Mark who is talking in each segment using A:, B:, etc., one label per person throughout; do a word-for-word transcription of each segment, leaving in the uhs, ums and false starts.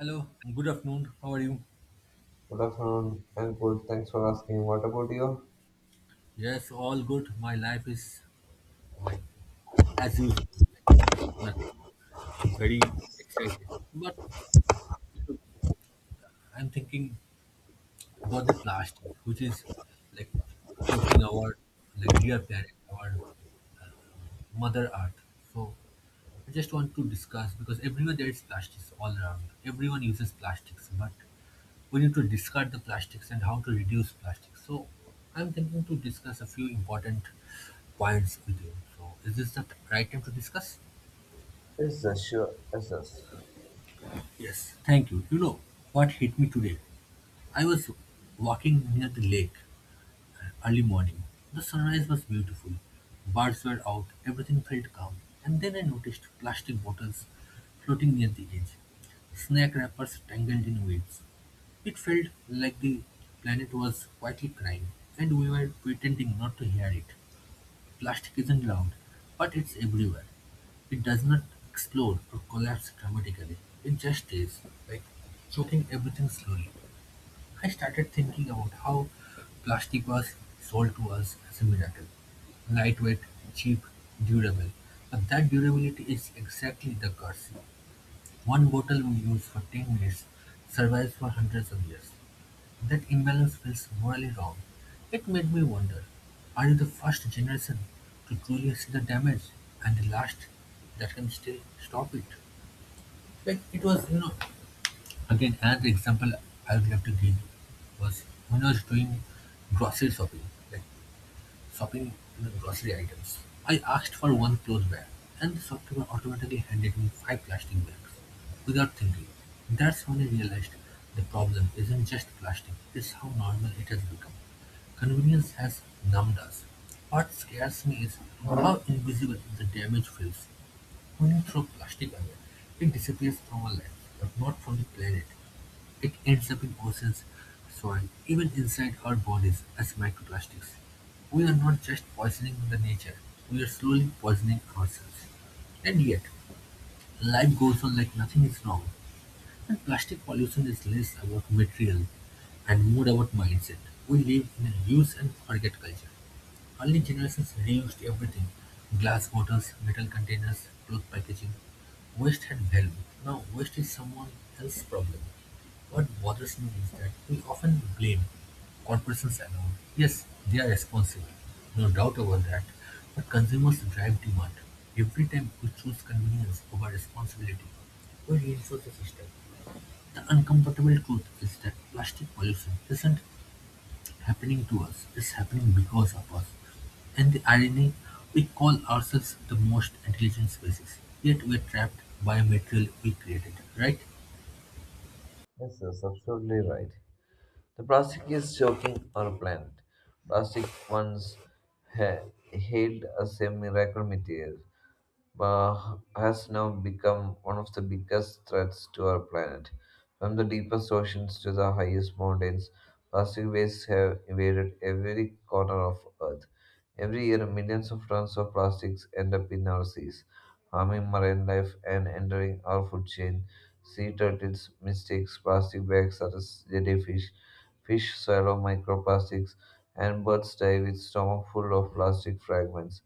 A: Hello, good afternoon. How are you?
B: Good afternoon. I'm good. Thanks for asking. What about you?
A: Yes, all good. My life is like as usual, like nothing very exciting. But I'm thinking about the plastic, which is like choking our like dear planet, our Mother Earth. So I just want to discuss because everywhere there is plastics all around. Everyone uses plastics, but we need to discard the plastics and how to reduce plastics. So I'm thinking to discuss a few important points with you. So is this the right time to discuss?
B: Yes, sir, sure. Yes, yes.
A: Yes, thank you. You know what hit me today? I was walking near the lake. Early morning. The sunrise was beautiful. Birds were out, everything felt calm, and then I noticed plastic bottles floating near the edge, snack wrappers tangled in waves. It felt like the planet was quietly crying, and we were pretending not to hear it. Plastic isn't loud, but it's everywhere. It does not explode or collapse dramatically. It just is, like choking everything slowly. I started thinking about how plastic was sold to us as a miracle. Lightweight, cheap, durable. But that durability is exactly the curse. One bottle we use for ten minutes survives for hundreds of years. That imbalance feels morally wrong. It made me wonder, are you the first generation to truly see the damage and the last that can still stop it? Like it was, you know, Again, another example I would love to give was when I was doing grocery shopping, like shopping you know, grocery items. I asked for one clothes bag, and the shopkeeper automatically handed me five plastic bags without thinking. That's when I realized the problem isn't just plastic, it's how normal it has become. Convenience has numbed us. What scares me is how invisible the damage feels. When you throw plastic away, it disappears from our lives, but not from the planet. It ends up in oceans, soil, even inside our bodies as microplastics. We are not just poisoning the nature, we are slowly poisoning ourselves. And yet, life goes on like nothing is wrong. And plastic pollution is less about material and more about mindset. We live in a use and forget culture. Early generations reused everything: glass bottles, metal containers, cloth packaging. Waste had value. Now, waste is someone else's problem. What bothers me is that we often blame corporations alone. Yes, they are responsible, no doubt about that, but consumers drive demand. Every time we choose convenience over responsibility, we reinforce the system. The uncomfortable truth is that plastic pollution isn't happening to us, it's happening because of us. And the irony, we call ourselves the most intelligent species, yet we're trapped by material we created, right?
B: Yes, yes, absolutely right. The plastic is choking our planet. Plastic once ha- hailed as a miracle material, uh, has now become one of the biggest threats to our planet. From the deepest oceans to the highest mountains, plastic waste have invaded every corner of Earth. Every year, millions of tons of plastics end up in our seas, harming marine life and entering our food chain. Sea turtles, mistakes, plastic bags such as jellyfish, fish swallow microplastics, and birds die with stomach full of plastic fragments.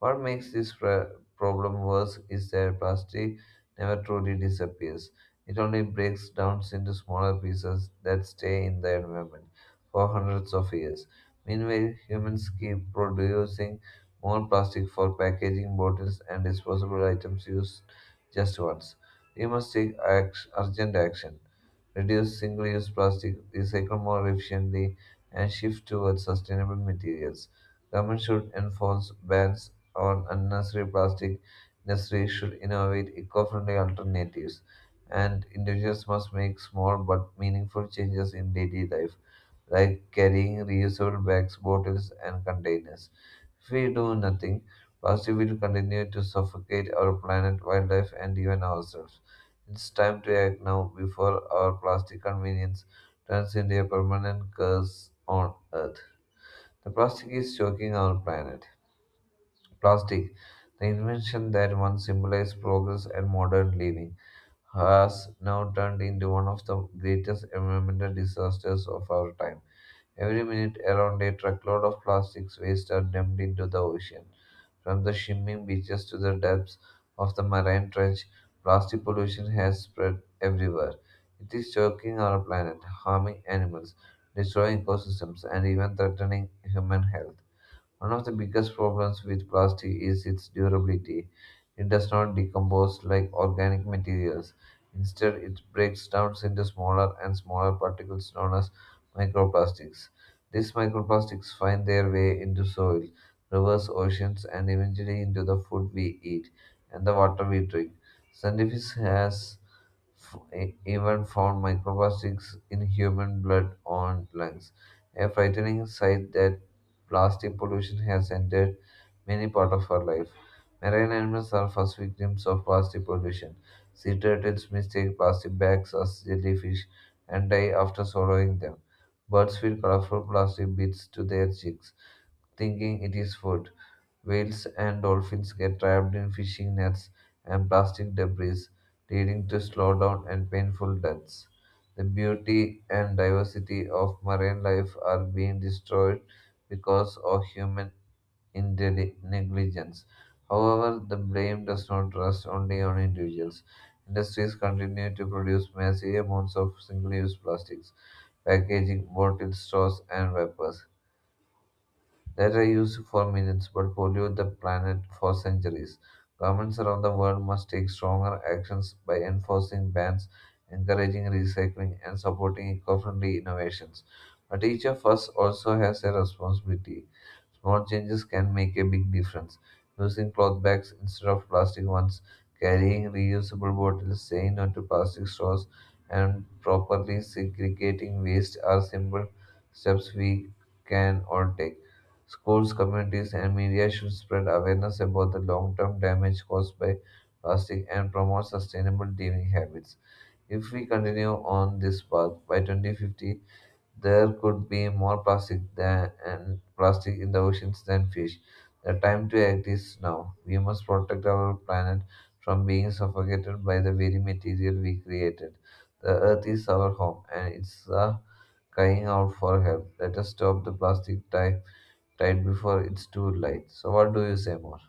B: What makes this pr- problem worse is that plastic never truly disappears. It only breaks down into smaller pieces that stay in the environment for hundreds of years. Meanwhile, humans keep producing more plastic for packaging, bottles, and disposable items used just once. We must take act- urgent action, reduce single use plastic, recycle more efficiently, and shift towards sustainable materials. Government should enforce bans on unnecessary plastic industries should innovate eco-friendly alternatives, and individuals must make small but meaningful changes in daily life, like carrying reusable bags, bottles, and containers. If we do nothing, plastic will continue to suffocate our planet, wildlife, and even ourselves. It's time to act now before our plastic convenience turns into a permanent curse on Earth. The plastic is choking our planet. Plastic, the invention that once symbolized progress and modern living, has now turned into one of the greatest environmental disasters of our time. Every minute, around a truckload of plastics waste are dumped into the ocean. From the shimmering beaches to the depths of the marine trench, plastic pollution has spread everywhere. It is choking our planet, harming animals, destroying ecosystems, and even threatening human health. One of the biggest problems with plastic is its durability. It does not decompose like organic materials. Instead, it breaks down into smaller and smaller particles known as microplastics. These microplastics find their way into soil, rivers, oceans, and eventually into the food we eat and the water we drink. Scientists has f- e- even found microplastics in human blood on lungs, a frightening sight that plastic pollution has entered many parts of our life. Marine animals are first victims of plastic pollution. Sea turtles mistake plastic bags as jellyfish and die after swallowing them. Birds feed colorful plastic bits to their chicks, thinking it is food. Whales and dolphins get trapped in fishing nets and plastic debris, leading to slowdown and painful deaths. The beauty and diversity of marine life are being destroyed because of human indeli- negligence. However, the blame does not rest only on individuals. Industries continue to produce massive amounts of single use plastics, packaging, bottled straws, and wrappers that are used for millions but pollute the planet for centuries. Governments around the world must take stronger actions by enforcing bans, encouraging recycling, and supporting eco friendly innovations. But each of us also has a responsibility. Small changes can make a big difference. Using cloth bags instead of plastic ones, carrying reusable bottles, saying no to plastic straws, and properly segregating waste are simple steps we can all take. Schools, communities, and media should spread awareness about the long term damage caused by plastic and promote sustainable living habits. If we continue on this path, by twenty fifty there could be more plastic than and plastic in the oceans than fish. The time to act is now. We must protect our planet from being suffocated by the very material we created. The earth is our home and it's uh, crying out for help. Let us stop the plastic tie right before it's too late. So, what do you say more?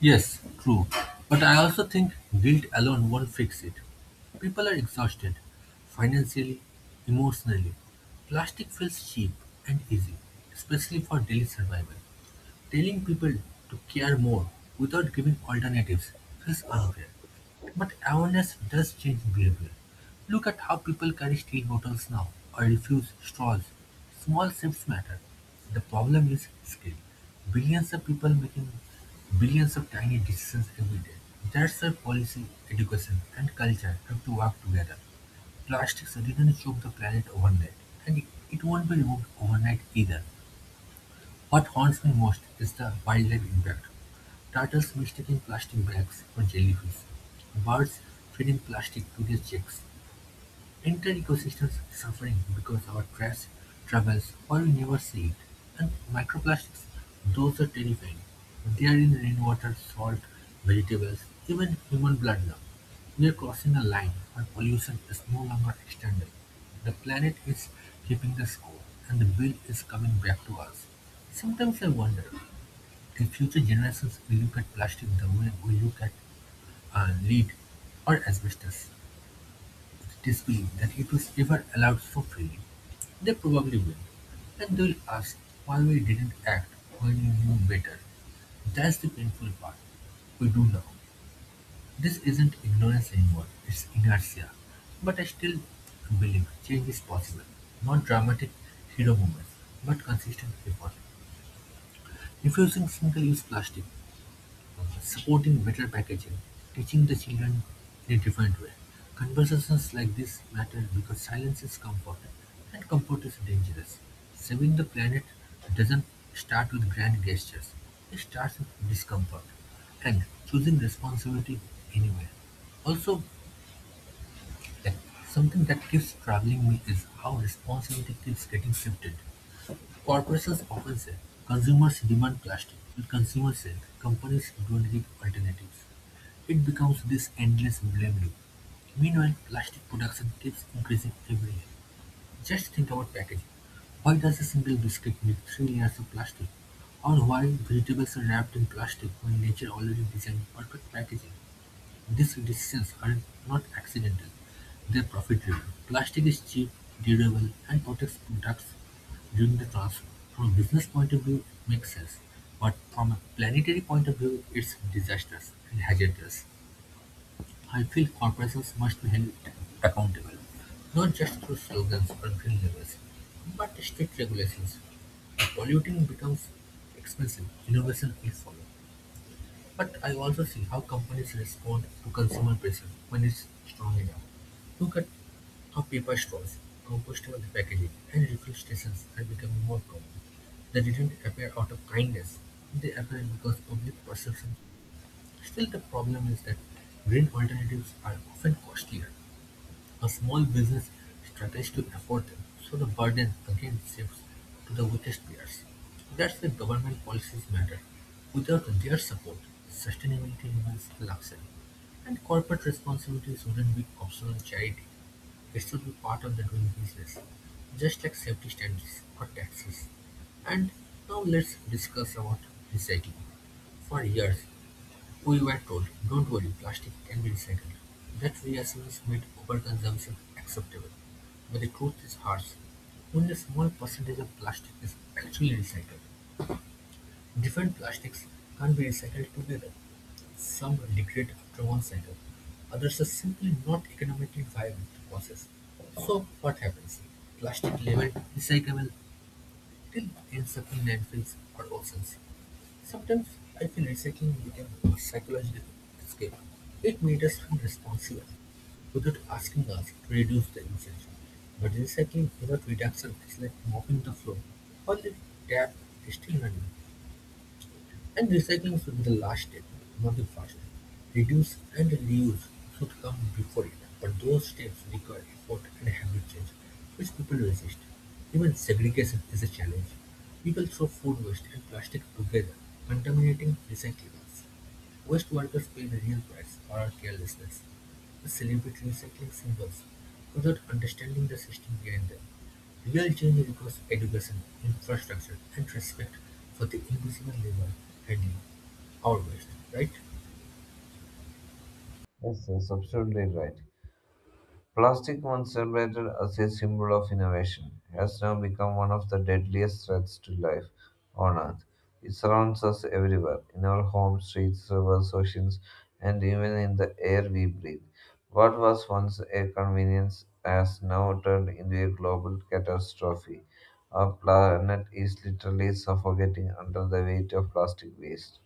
A: Yes, true. But I also think guilt alone won't fix it. People are exhausted, financially, emotionally. Plastic feels cheap and easy, especially for daily survival. Telling people to care more without giving alternatives feels unfair. But awareness does change behavior. Look at how people carry steel bottles now or refuse straws. Small shifts matter. The problem is scale. Billions of people making billions of tiny decisions every day. That's why policy, education, and culture have to work together. Plastics didn't choke the planet overnight, and it won't be removed overnight either. What haunts me most is the wildlife impact: turtles mistaking plastic bags for jellyfish, birds feeding plastic to their chicks. Entire ecosystems suffering because our trash travels where we never see it, and microplastics, those are terrifying. They are in rainwater, salt, vegetables, even human blood now. We are crossing a line where pollution is no longer external. The planet is keeping the score, and the bill is coming back to us. Sometimes I wonder if future generations will look at plastic the way we look at uh, lead or asbestos. Displaying that it was ever allowed so freely, they probably will. And they'll ask why we didn't act when we knew better. That's the painful part. We do know. This isn't ignorance anymore, it's inertia. But I still believe change is possible. Not dramatic hero moments, but consistent effort. Refusing single use plastic, supporting better packaging, teaching the children in a different way. Conversations like this matter because silence is comfort, and comfort is dangerous. Saving the planet doesn't start with grand gestures, it starts with discomfort and choosing responsibility anyway. Also, like, Something that keeps troubling me is how responsibility keeps getting shifted. Corporations often say, "Consumers demand plastic," and consumers say, "Companies don't give alternatives." It becomes this endless blame loop. Meanwhile, plastic production keeps increasing every year. Just think about packaging. Why does a single biscuit need three layers of plastic? Or why vegetables are wrapped in plastic when nature already designed perfect packaging? These decisions are not accidental; they are profit-driven. Plastic is cheap, durable, and protects products during the transfer. From a business point of view, it makes sense, but from a planetary point of view, it's disastrous and hazardous. I feel corporations must be held accountable, not just through slogans or green labels, but strict regulations. If polluting becomes expensive, innovation will follow. But I also see how companies respond to consumer pressure when it's strong enough. Look at how paper straws, compostable packaging, and refill stations are becoming more common. They didn't appear out of kindness, they appeared because public perception. Still, the problem is that green alternatives are often costlier. A small business struggles to afford them, so the burden again shifts to the weakest peers. That's why government policies matter. Without their support, sustainability remains a luxury. And corporate responsibilities wouldn't be optional charity. It should be part of the doing business, just like safety standards or taxes. And now let's discuss about recycling. For years, we were told, "Don't worry, plastic can be recycled." That reassurance made overconsumption acceptable. But the truth is harsh. Only a small percentage of plastic is actually recycled. Different plastics can't be recycled together. Some degrade after one cycle. Others are simply not economically viable to process. So what happens? Plastic labeled recyclable still ends up in landfills or oceans. Sometimes I feel recycling became a psychological escape. It made us feel responsible without asking us to reduce the usage. But recycling without reduction is like mopping the floor while the tap is still running, and recycling should be the last step, not the first. Reduce and reuse should come before it, but those steps require effort and habit change, which people resist. Even segregation is a challenge. People throw food waste and plastic together, contaminating recyclables. Waste workers pay the real price for our carelessness. We celebrate recycling symbols without understanding the system behind them. Real change requires education, infrastructure, and respect for the invisible labor handling our waste, right?
B: Yes, that's absolutely right. Plastic, once celebrated as a symbol of innovation, has now become one of the deadliest threats to life on Earth. It surrounds us everywhere, in our homes, streets, rivers, oceans, and even in the air we breathe. What was once a convenience has now turned into a global catastrophe. Our planet is literally suffocating under the weight of plastic waste.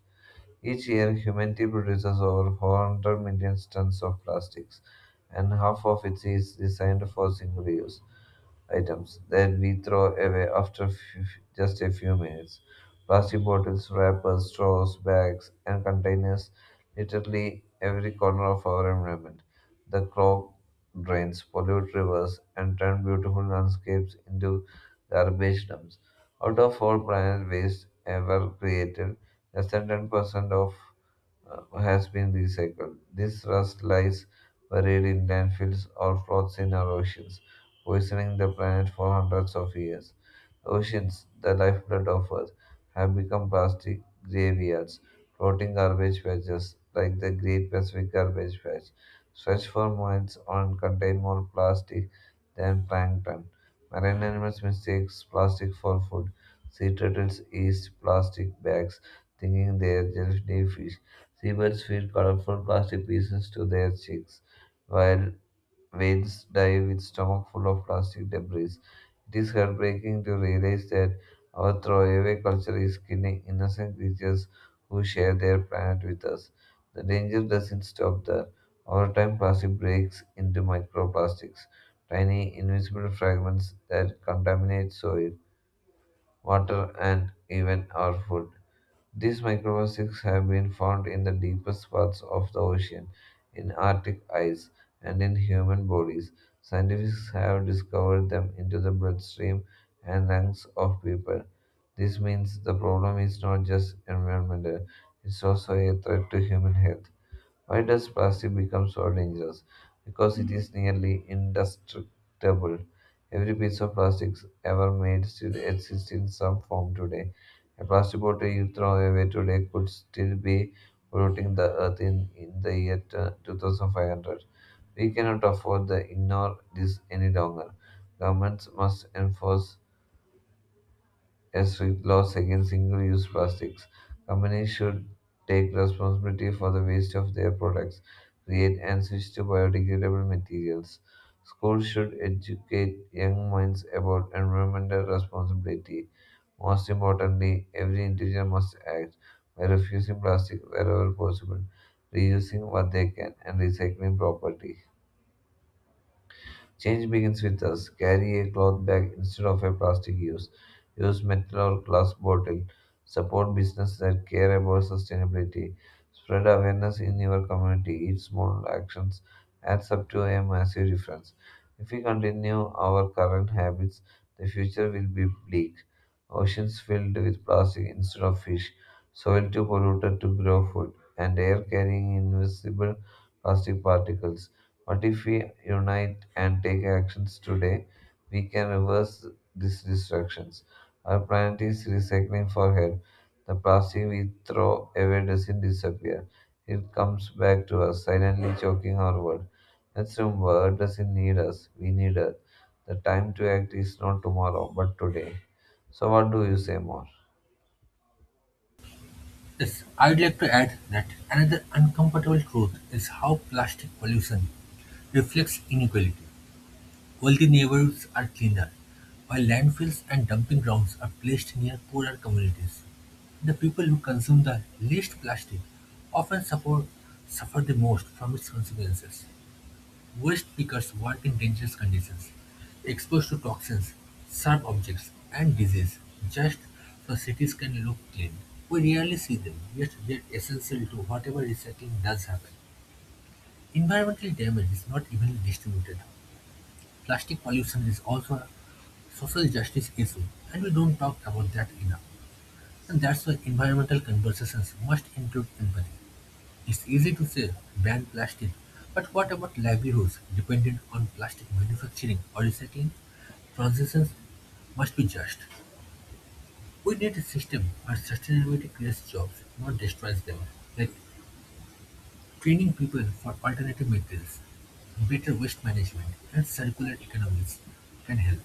B: Each year, humanity produces over 400 million tons of plastics, and half of it is designed for single use items that we throw away after f- just a few minutes. Plastic bottles, wrappers, straws, bags, and containers literally every corner of our environment. The clog drains, pollute rivers, and turn beautiful landscapes into garbage dumps. Out of all planet waste ever created, less than ten percent of uh, has been recycled. This rust lies buried in landfills or floats in our oceans, poisoning the planet for hundreds of years. Oceans, the lifeblood of Earth, have become plastic graveyards. Floating garbage patches like the Great Pacific Garbage Patch stretch for miles and contain more plastic than plankton. Marine animals mistake plastic for food. Sea turtles eat plastic bags, thinking they are jellyfish. Seabirds feed colorful plastic pieces to their chicks, while whales die with stomach full of plastic debris. It is heartbreaking to realize that our throwaway culture is killing innocent creatures who share their planet with us. The danger doesn't stop there. Over time, plastic breaks into microplastics, tiny invisible fragments that contaminate soil, water, and even our food. These microplastics have been found in the deepest parts of the ocean, in Arctic ice, and in human bodies. Scientists have discovered them into the bloodstream and lungs of people. This means the problem is not just environmental, it's also a threat to human health. Why does plastic become so dangerous? Because it is nearly indestructible. Every piece of plastic ever made still exists in some form today. A plastic bottle you throw away today could still be polluting the earth in, in the year t- two thousand five hundred. We cannot afford to ignore this any longer. Governments must enforce and strict laws against single use plastics. Companies should take responsibility for the waste of their products, create and switch to biodegradable materials. Schools should educate young minds about environmental responsibility. Most importantly, every individual must act by refusing plastic wherever possible, reusing what they can, and recycling properly. Change begins with us. Carry a cloth bag instead of a plastic use. Use metal or glass bottle. Support business that care about sustainability. Spread awareness in your community. Each small actions adds up to a massive difference. If we continue our current habits, the future will be bleak. Oceans filled with plastic instead of fish, soil too polluted to grow food, and air carrying invisible plastic particles. What if we unite and take actions today, we can reverse these destructions. Our planet is recycling for help. The plastic we throw away doesn't disappear. It comes back to us, silently choking our world. Let's remember, Earth doesn't need us. We need Earth. The time to act is not tomorrow, but today. So what do you say more?
A: Yes, I'd like to add that another uncomfortable truth is how plastic pollution reflects inequality. Wealthy neighborhoods are cleaner, while landfills and dumping grounds are placed near poorer communities. The people who consume the least plastic often suffer, suffer the most from its consequences. Waste pickers work in dangerous conditions, exposed to toxins, sharp objects, and disease, just so cities can look clean. We rarely see them, yet they're essential to whatever recycling does happen. Environmental damage is not evenly distributed. Plastic pollution is also social justice issue, and we don't talk about that enough. And that's why environmental conversations must include empathy. It's easy to say ban plastic, but what about livelihoods dependent on plastic manufacturing or recycling? Transitions must be just. We need a system where sustainability creates jobs, not destroys them, like training people for alternative materials, better waste management, and circular economies can help.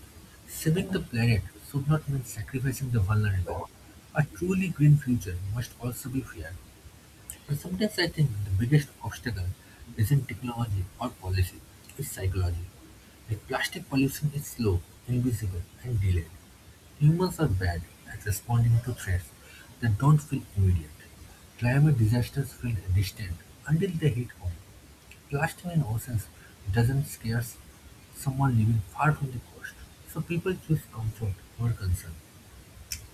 A: Saving the planet should not mean sacrificing the vulnerable. A truly green future must also be fair. And sometimes I think the biggest obstacle isn't technology or policy, it's psychology. Like plastic pollution is slow, invisible, and delayed. Humans are bad at responding to threats that don't feel immediate. Climate disasters feel distant until they hit home. Plastic in oceans doesn't scare someone living far from the coast, so people choose comfort over concern.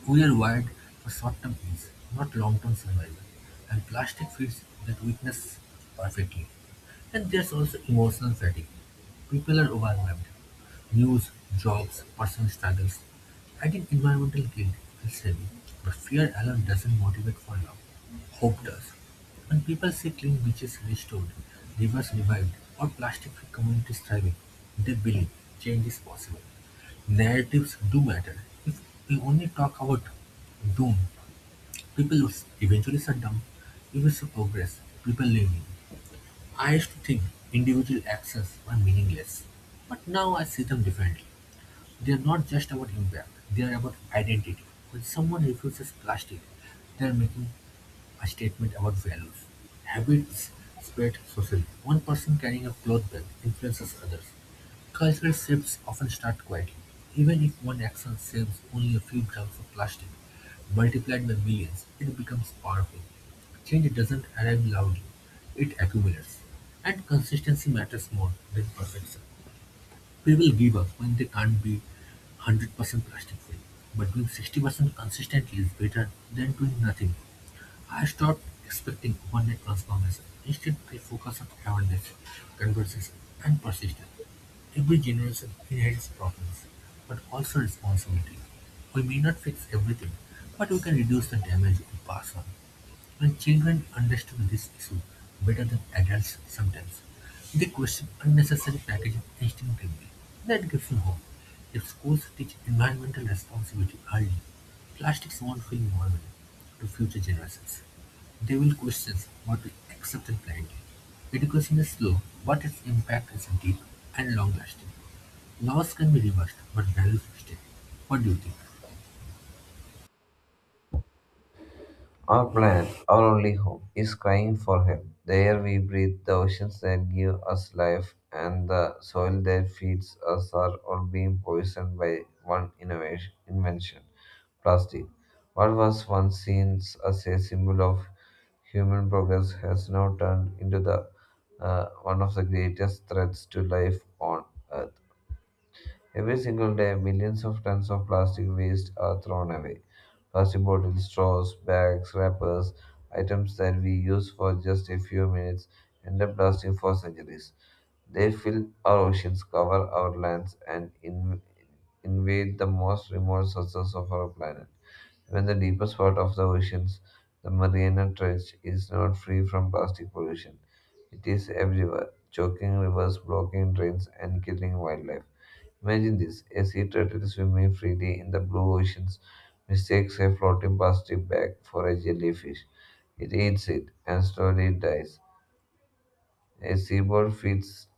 A: We are wired for short-term ease, not long-term survival, and plastic fits that weakness perfectly. And there's also emotional fatigue. People are overwhelmed. News, jobs, personal struggles. Adding environmental guilt feels heavy, but fear alone doesn't motivate for love. Hope does. When people see clean beaches restored, rivers revived, or plastic-free communities thriving, they believe change is possible. Narratives do matter; if we only talk about doom, people would eventually shut down. If we show progress, people lean in. I used to think individual actions were meaningless, but now I see them differently. They are not just about impact, they are about identity. When someone refuses plastic, they are making a statement about values: habits spread socially; one person carrying a cloth bag influences others; cultural shifts often start quietly, even if one action saves only a few grams of plastic. Multiplied by millions, it becomes powerful. Change doesn't arrive loudly, it accumulates. And consistency matters more than perfection. People give up when they can't be one hundred percent plastic free, but doing sixty percent consistently is better than doing nothing. I stopped expecting overnight transformation. Instead, I focus on awareness, conversation, and persistence. Every generation inherits problems, but also responsibility. We may not fix everything, but we can reduce the damage we pass on. And children understood this issue better than adults sometimes, they question unnecessary packaging instinctively. That gives me hope. If schools teach environmental responsibility early, plastics won't feel normal to future generations. They will question what we accept and blindly. Education is slow, but its impact is deep and long lasting. Laws can be reversed, but values stay. What do you think?
B: Our planet, our only home, is crying for help. The air we breathe, the oceans that give us life, and the soil that feeds us are all being poisoned by one innovation, invention plastic. What was once seen as a symbol of human progress has now turned into the uh, one of the greatest threats to life on Earth. Every single day, millions of tons of plastic waste are thrown away. Plastic bottles, straws, bags, wrappers, items that we use for just a few minutes end up lasting for centuries. They fill our oceans, cover our lands, and in- invade the most remote sources of our planet. Even the deepest part of the oceans, the Mariana Trench, is not free from plastic pollution. It is everywhere, choking rivers, blocking drains, and killing wildlife. Imagine this, a sea turtle swimming freely in the blue oceans mistakes a floating plastic bag for a jellyfish. It eats it and slowly dies. A seabird feeds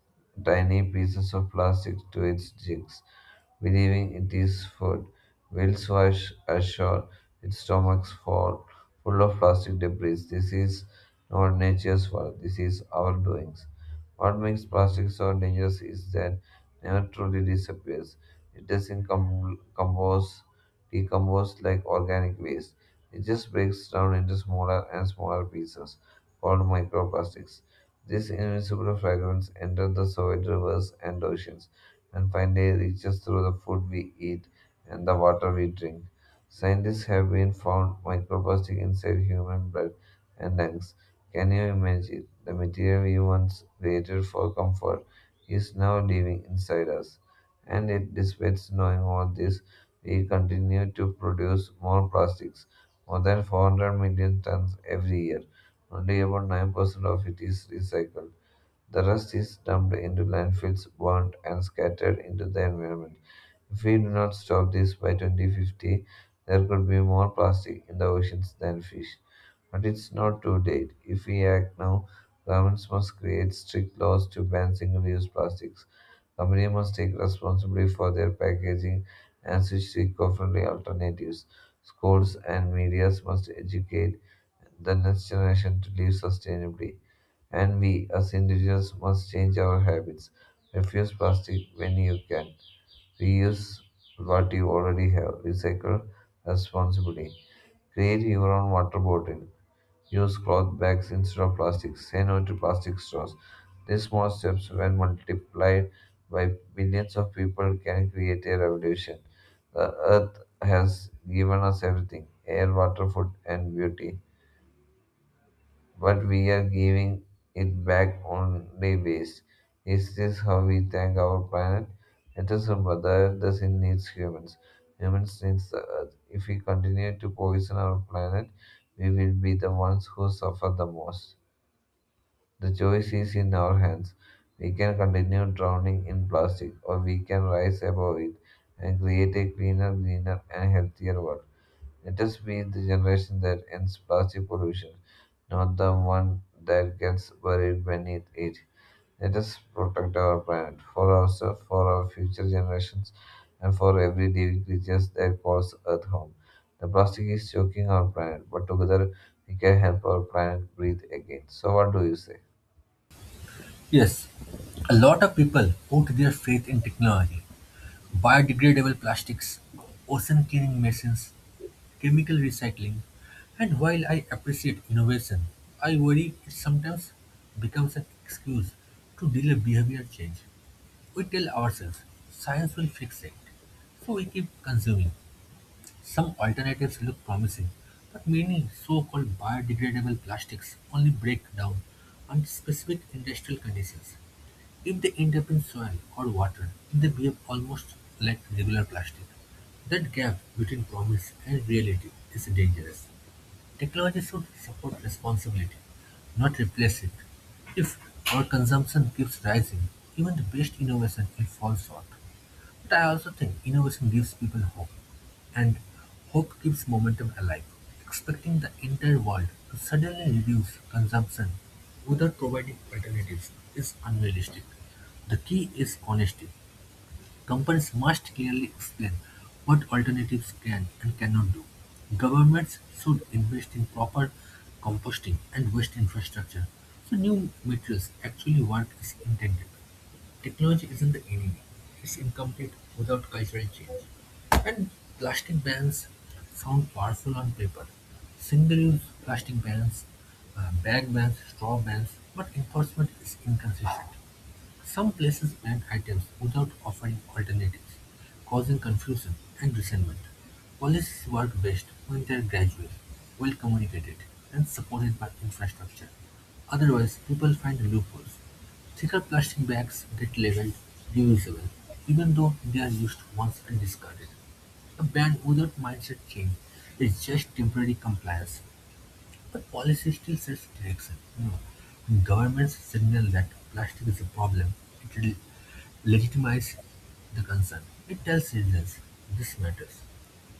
B: tiny pieces of plastic to its chicks, believing it is food. Whales wash ashore, its stomachs full, full of plastic debris. This is not nature's work, this is our doings. What makes plastic so dangerous is that it never truly disappears. It doesn't com- compose, decompose like organic waste. It just breaks down into smaller and smaller pieces called microplastics. These invisible fragments enter the Soviet rivers and oceans and finally reaches through the food we eat and the water we drink. Scientists have been found microplastic inside human blood and lungs. Can you imagine? The material we once created for comfort is now living inside us. And it despite knowing all this, we continue to produce more plastics, more than 400 million tons every year, only about nine percent of it is recycled. The rest is dumped into landfills, burned, and scattered into the environment. If we do not stop this, by twenty fifty there could be more plastic in the oceans than fish. But it's not too late. If we act now, governments must create strict laws to ban single use plastics. Companies must take responsibility for their packaging and switch to eco friendly alternatives. Schools and media must educate the next generation to live sustainably. And we, as individuals, must change our habits. Refuse plastic when you can. Reuse what you already have. Recycle responsibly. Create your own water bottle. Use cloth bags instead of plastics. Say no to plastic straws. These small steps, when multiplied by billions of people, can create a revolution. The earth has given us everything: air, water, food, and beauty, but we are giving it back only waste. Is this how we thank our planet? Let us remember, the earth doesn't need humans. Humans need the earth. If we continue to poison our planet, we will be the ones who suffer the most. The choice is in our hands. We can continue drowning in plastic, or we can rise above it and create a cleaner, greener, and healthier world. Let us be the generation that ends plastic pollution, not the one that gets buried beneath it. Let us protect our planet for ourselves, for our future generations, and for every living creature that calls Earth home. The plastic is choking our planet, but together we can help our planet breathe again. So, what do you say?
A: Yes, a lot of people put their faith in technology: biodegradable plastics, ocean cleaning machines, chemical recycling, and while I appreciate innovation, I worry it sometimes becomes an excuse to delay behavior change. We tell ourselves science will fix it, so we keep consuming. Some alternatives look promising, but many so called biodegradable plastics only break down under specific industrial conditions. If they end up in soil or water, they behave almost like regular plastic. That gap between promise and reality is dangerous. Technology should support responsibility, not replace it. If our consumption keeps rising, even the best innovation will fall short. But I also think innovation gives people hope, and hope keeps momentum alive. Expecting the entire world to suddenly reduce consumption without providing alternatives is unrealistic. The key is honesty. Companies must clearly explain what alternatives can and cannot do. Governments should invest in proper composting and waste infrastructure so new materials actually work as intended. Technology isn't the enemy, it's incomplete without cultural change. And plastic bans sound powerful on paper. Single-use plastic bans, uh, bag bans, straw bans, but enforcement is inconsistent. Some places ban items without offering alternatives, causing confusion and resentment. Policies work best when they are gradual, well communicated, and supported by infrastructure. Otherwise, people find loopholes. Thicker plastic bags get labeled reusable, even though they are used once and discarded. A ban without mindset change is just temporary compliance, but policy still sets direction. You know, when governments signal that plastic is a problem, it will legitimize the concern. It tells citizens this matters.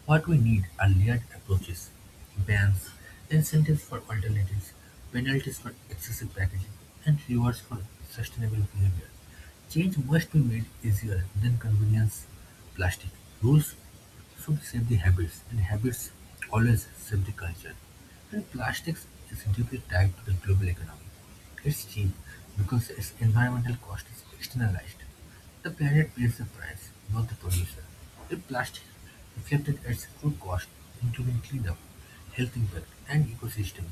A: What we need are layered approaches: bans, incentives for alternatives, penalties for excessive packaging, and rewards for sustainable behavior. Change must be made easier than convenience plastic. Rules should save the habits, and habits always save the culture. And plastics is deeply tied to the global economy. It's cheap because its environmental cost is externalized. The planet pays the price, not the producer; if plastic reflected its full cost, including cleanup, health impact and ecosystem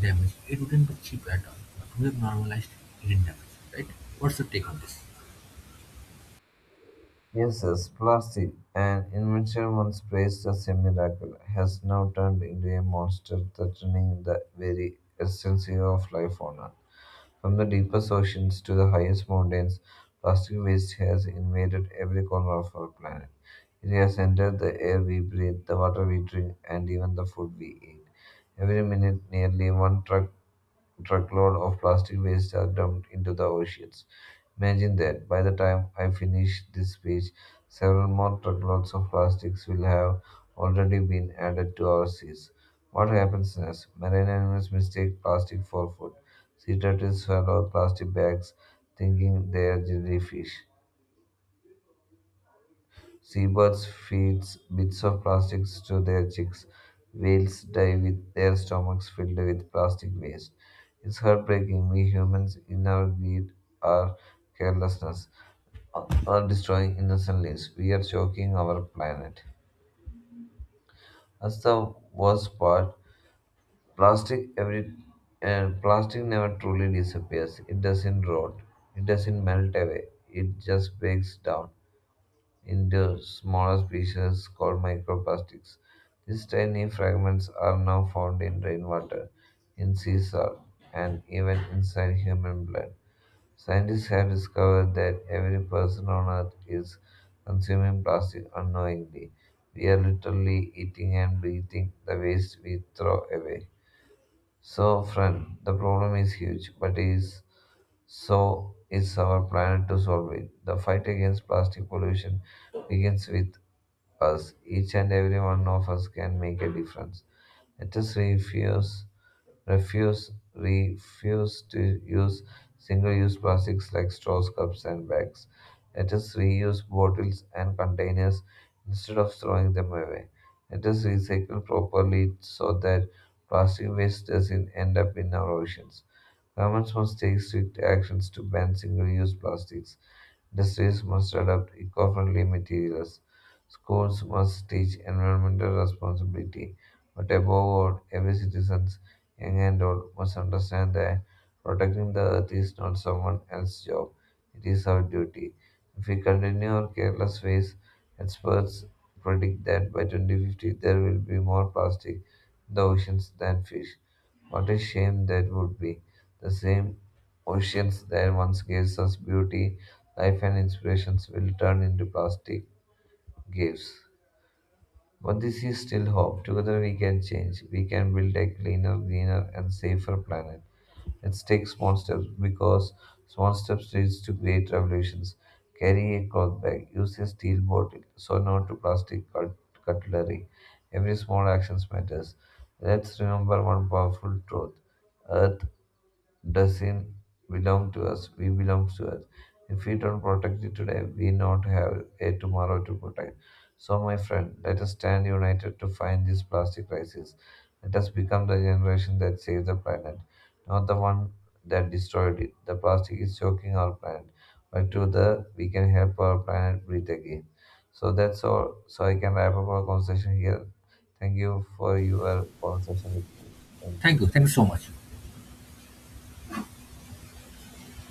A: damage, it wouldn't be cheap at all. But we have normalized hidden damage, right? What's your take on this?
B: Yes, yes, plastic, an invention once praised as a miracle, has now turned into a monster threatening the very essence of life on Earth. From the deepest oceans to the highest mountains, plastic waste has invaded every corner of our planet. It has entered the air we breathe, the water we drink, and even the food we eat. Every minute, nearly one truck truckload of plastic waste are dumped into the oceans. Imagine that by the time I finish this speech, several more truckloads of plastics will have already been added to our seas. What happens next? Marine animals mistake plastic for food. Sea turtles swallow plastic bags thinking they are jellyfish. Seabirds feed bits of plastics to their chicks. Whales die with their stomachs filled with plastic waste. It's heartbreaking. We humans, in our greed, our carelessness, are destroying innocent lives. We are choking our planet. That's the worst part. Plastic every uh, Plastic never truly disappears. It doesn't rot. It doesn't melt away. It just breaks down into smaller species called microplastics. These tiny fragments are now found in rainwater, in sea salt, and even inside human blood. Scientists have discovered that every person on Earth is consuming plastic unknowingly. We are literally eating and breathing the waste we throw away. So, friend, the problem is huge, but it is so is our planet to solve it. The fight against plastic pollution begins with us. Each and every one of us can make a difference. Let us refuse, refuse, refuse to use single-use plastics like straws, cups, and bags. Let us reuse bottles and containers instead of throwing them away. Let us recycle properly so that plastic waste doesn't end up in our oceans. Governments must take strict actions to ban single use plastics. Industries must adopt eco friendly materials. Schools must teach environmental responsibility. But above all, every citizen, young and old, must understand that protecting the earth is not someone else's job, it is our duty. If we continue our careless ways, experts predict that by twenty fifty there will be more plastic in the oceans than fish. What a shame that would be. The same oceans that once gave us beauty, life, and inspirations will turn into plastic gifts. But this is still hope. Together we can change. We can build a cleaner, greener, and safer planet. Let's take small steps because small steps leads to great revolutions. Carry a cloth bag. Use a steel bottle. So not to plastic cut- cutlery. Every small action matters. Let's remember one powerful truth. Earth doesn't belong to us, we belong to us. If we don't protect it today, we not have a tomorrow to protect. So, my friend, let us stand united to find this plastic crisis. Let us become the generation that saves the planet, not the one that destroyed it. The plastic is choking our planet, but together we can help our planet breathe again. So that's all. So I can wrap up our conversation here. Thank you for your conversation with me. Thank you.
A: Thank you. Thank you so much.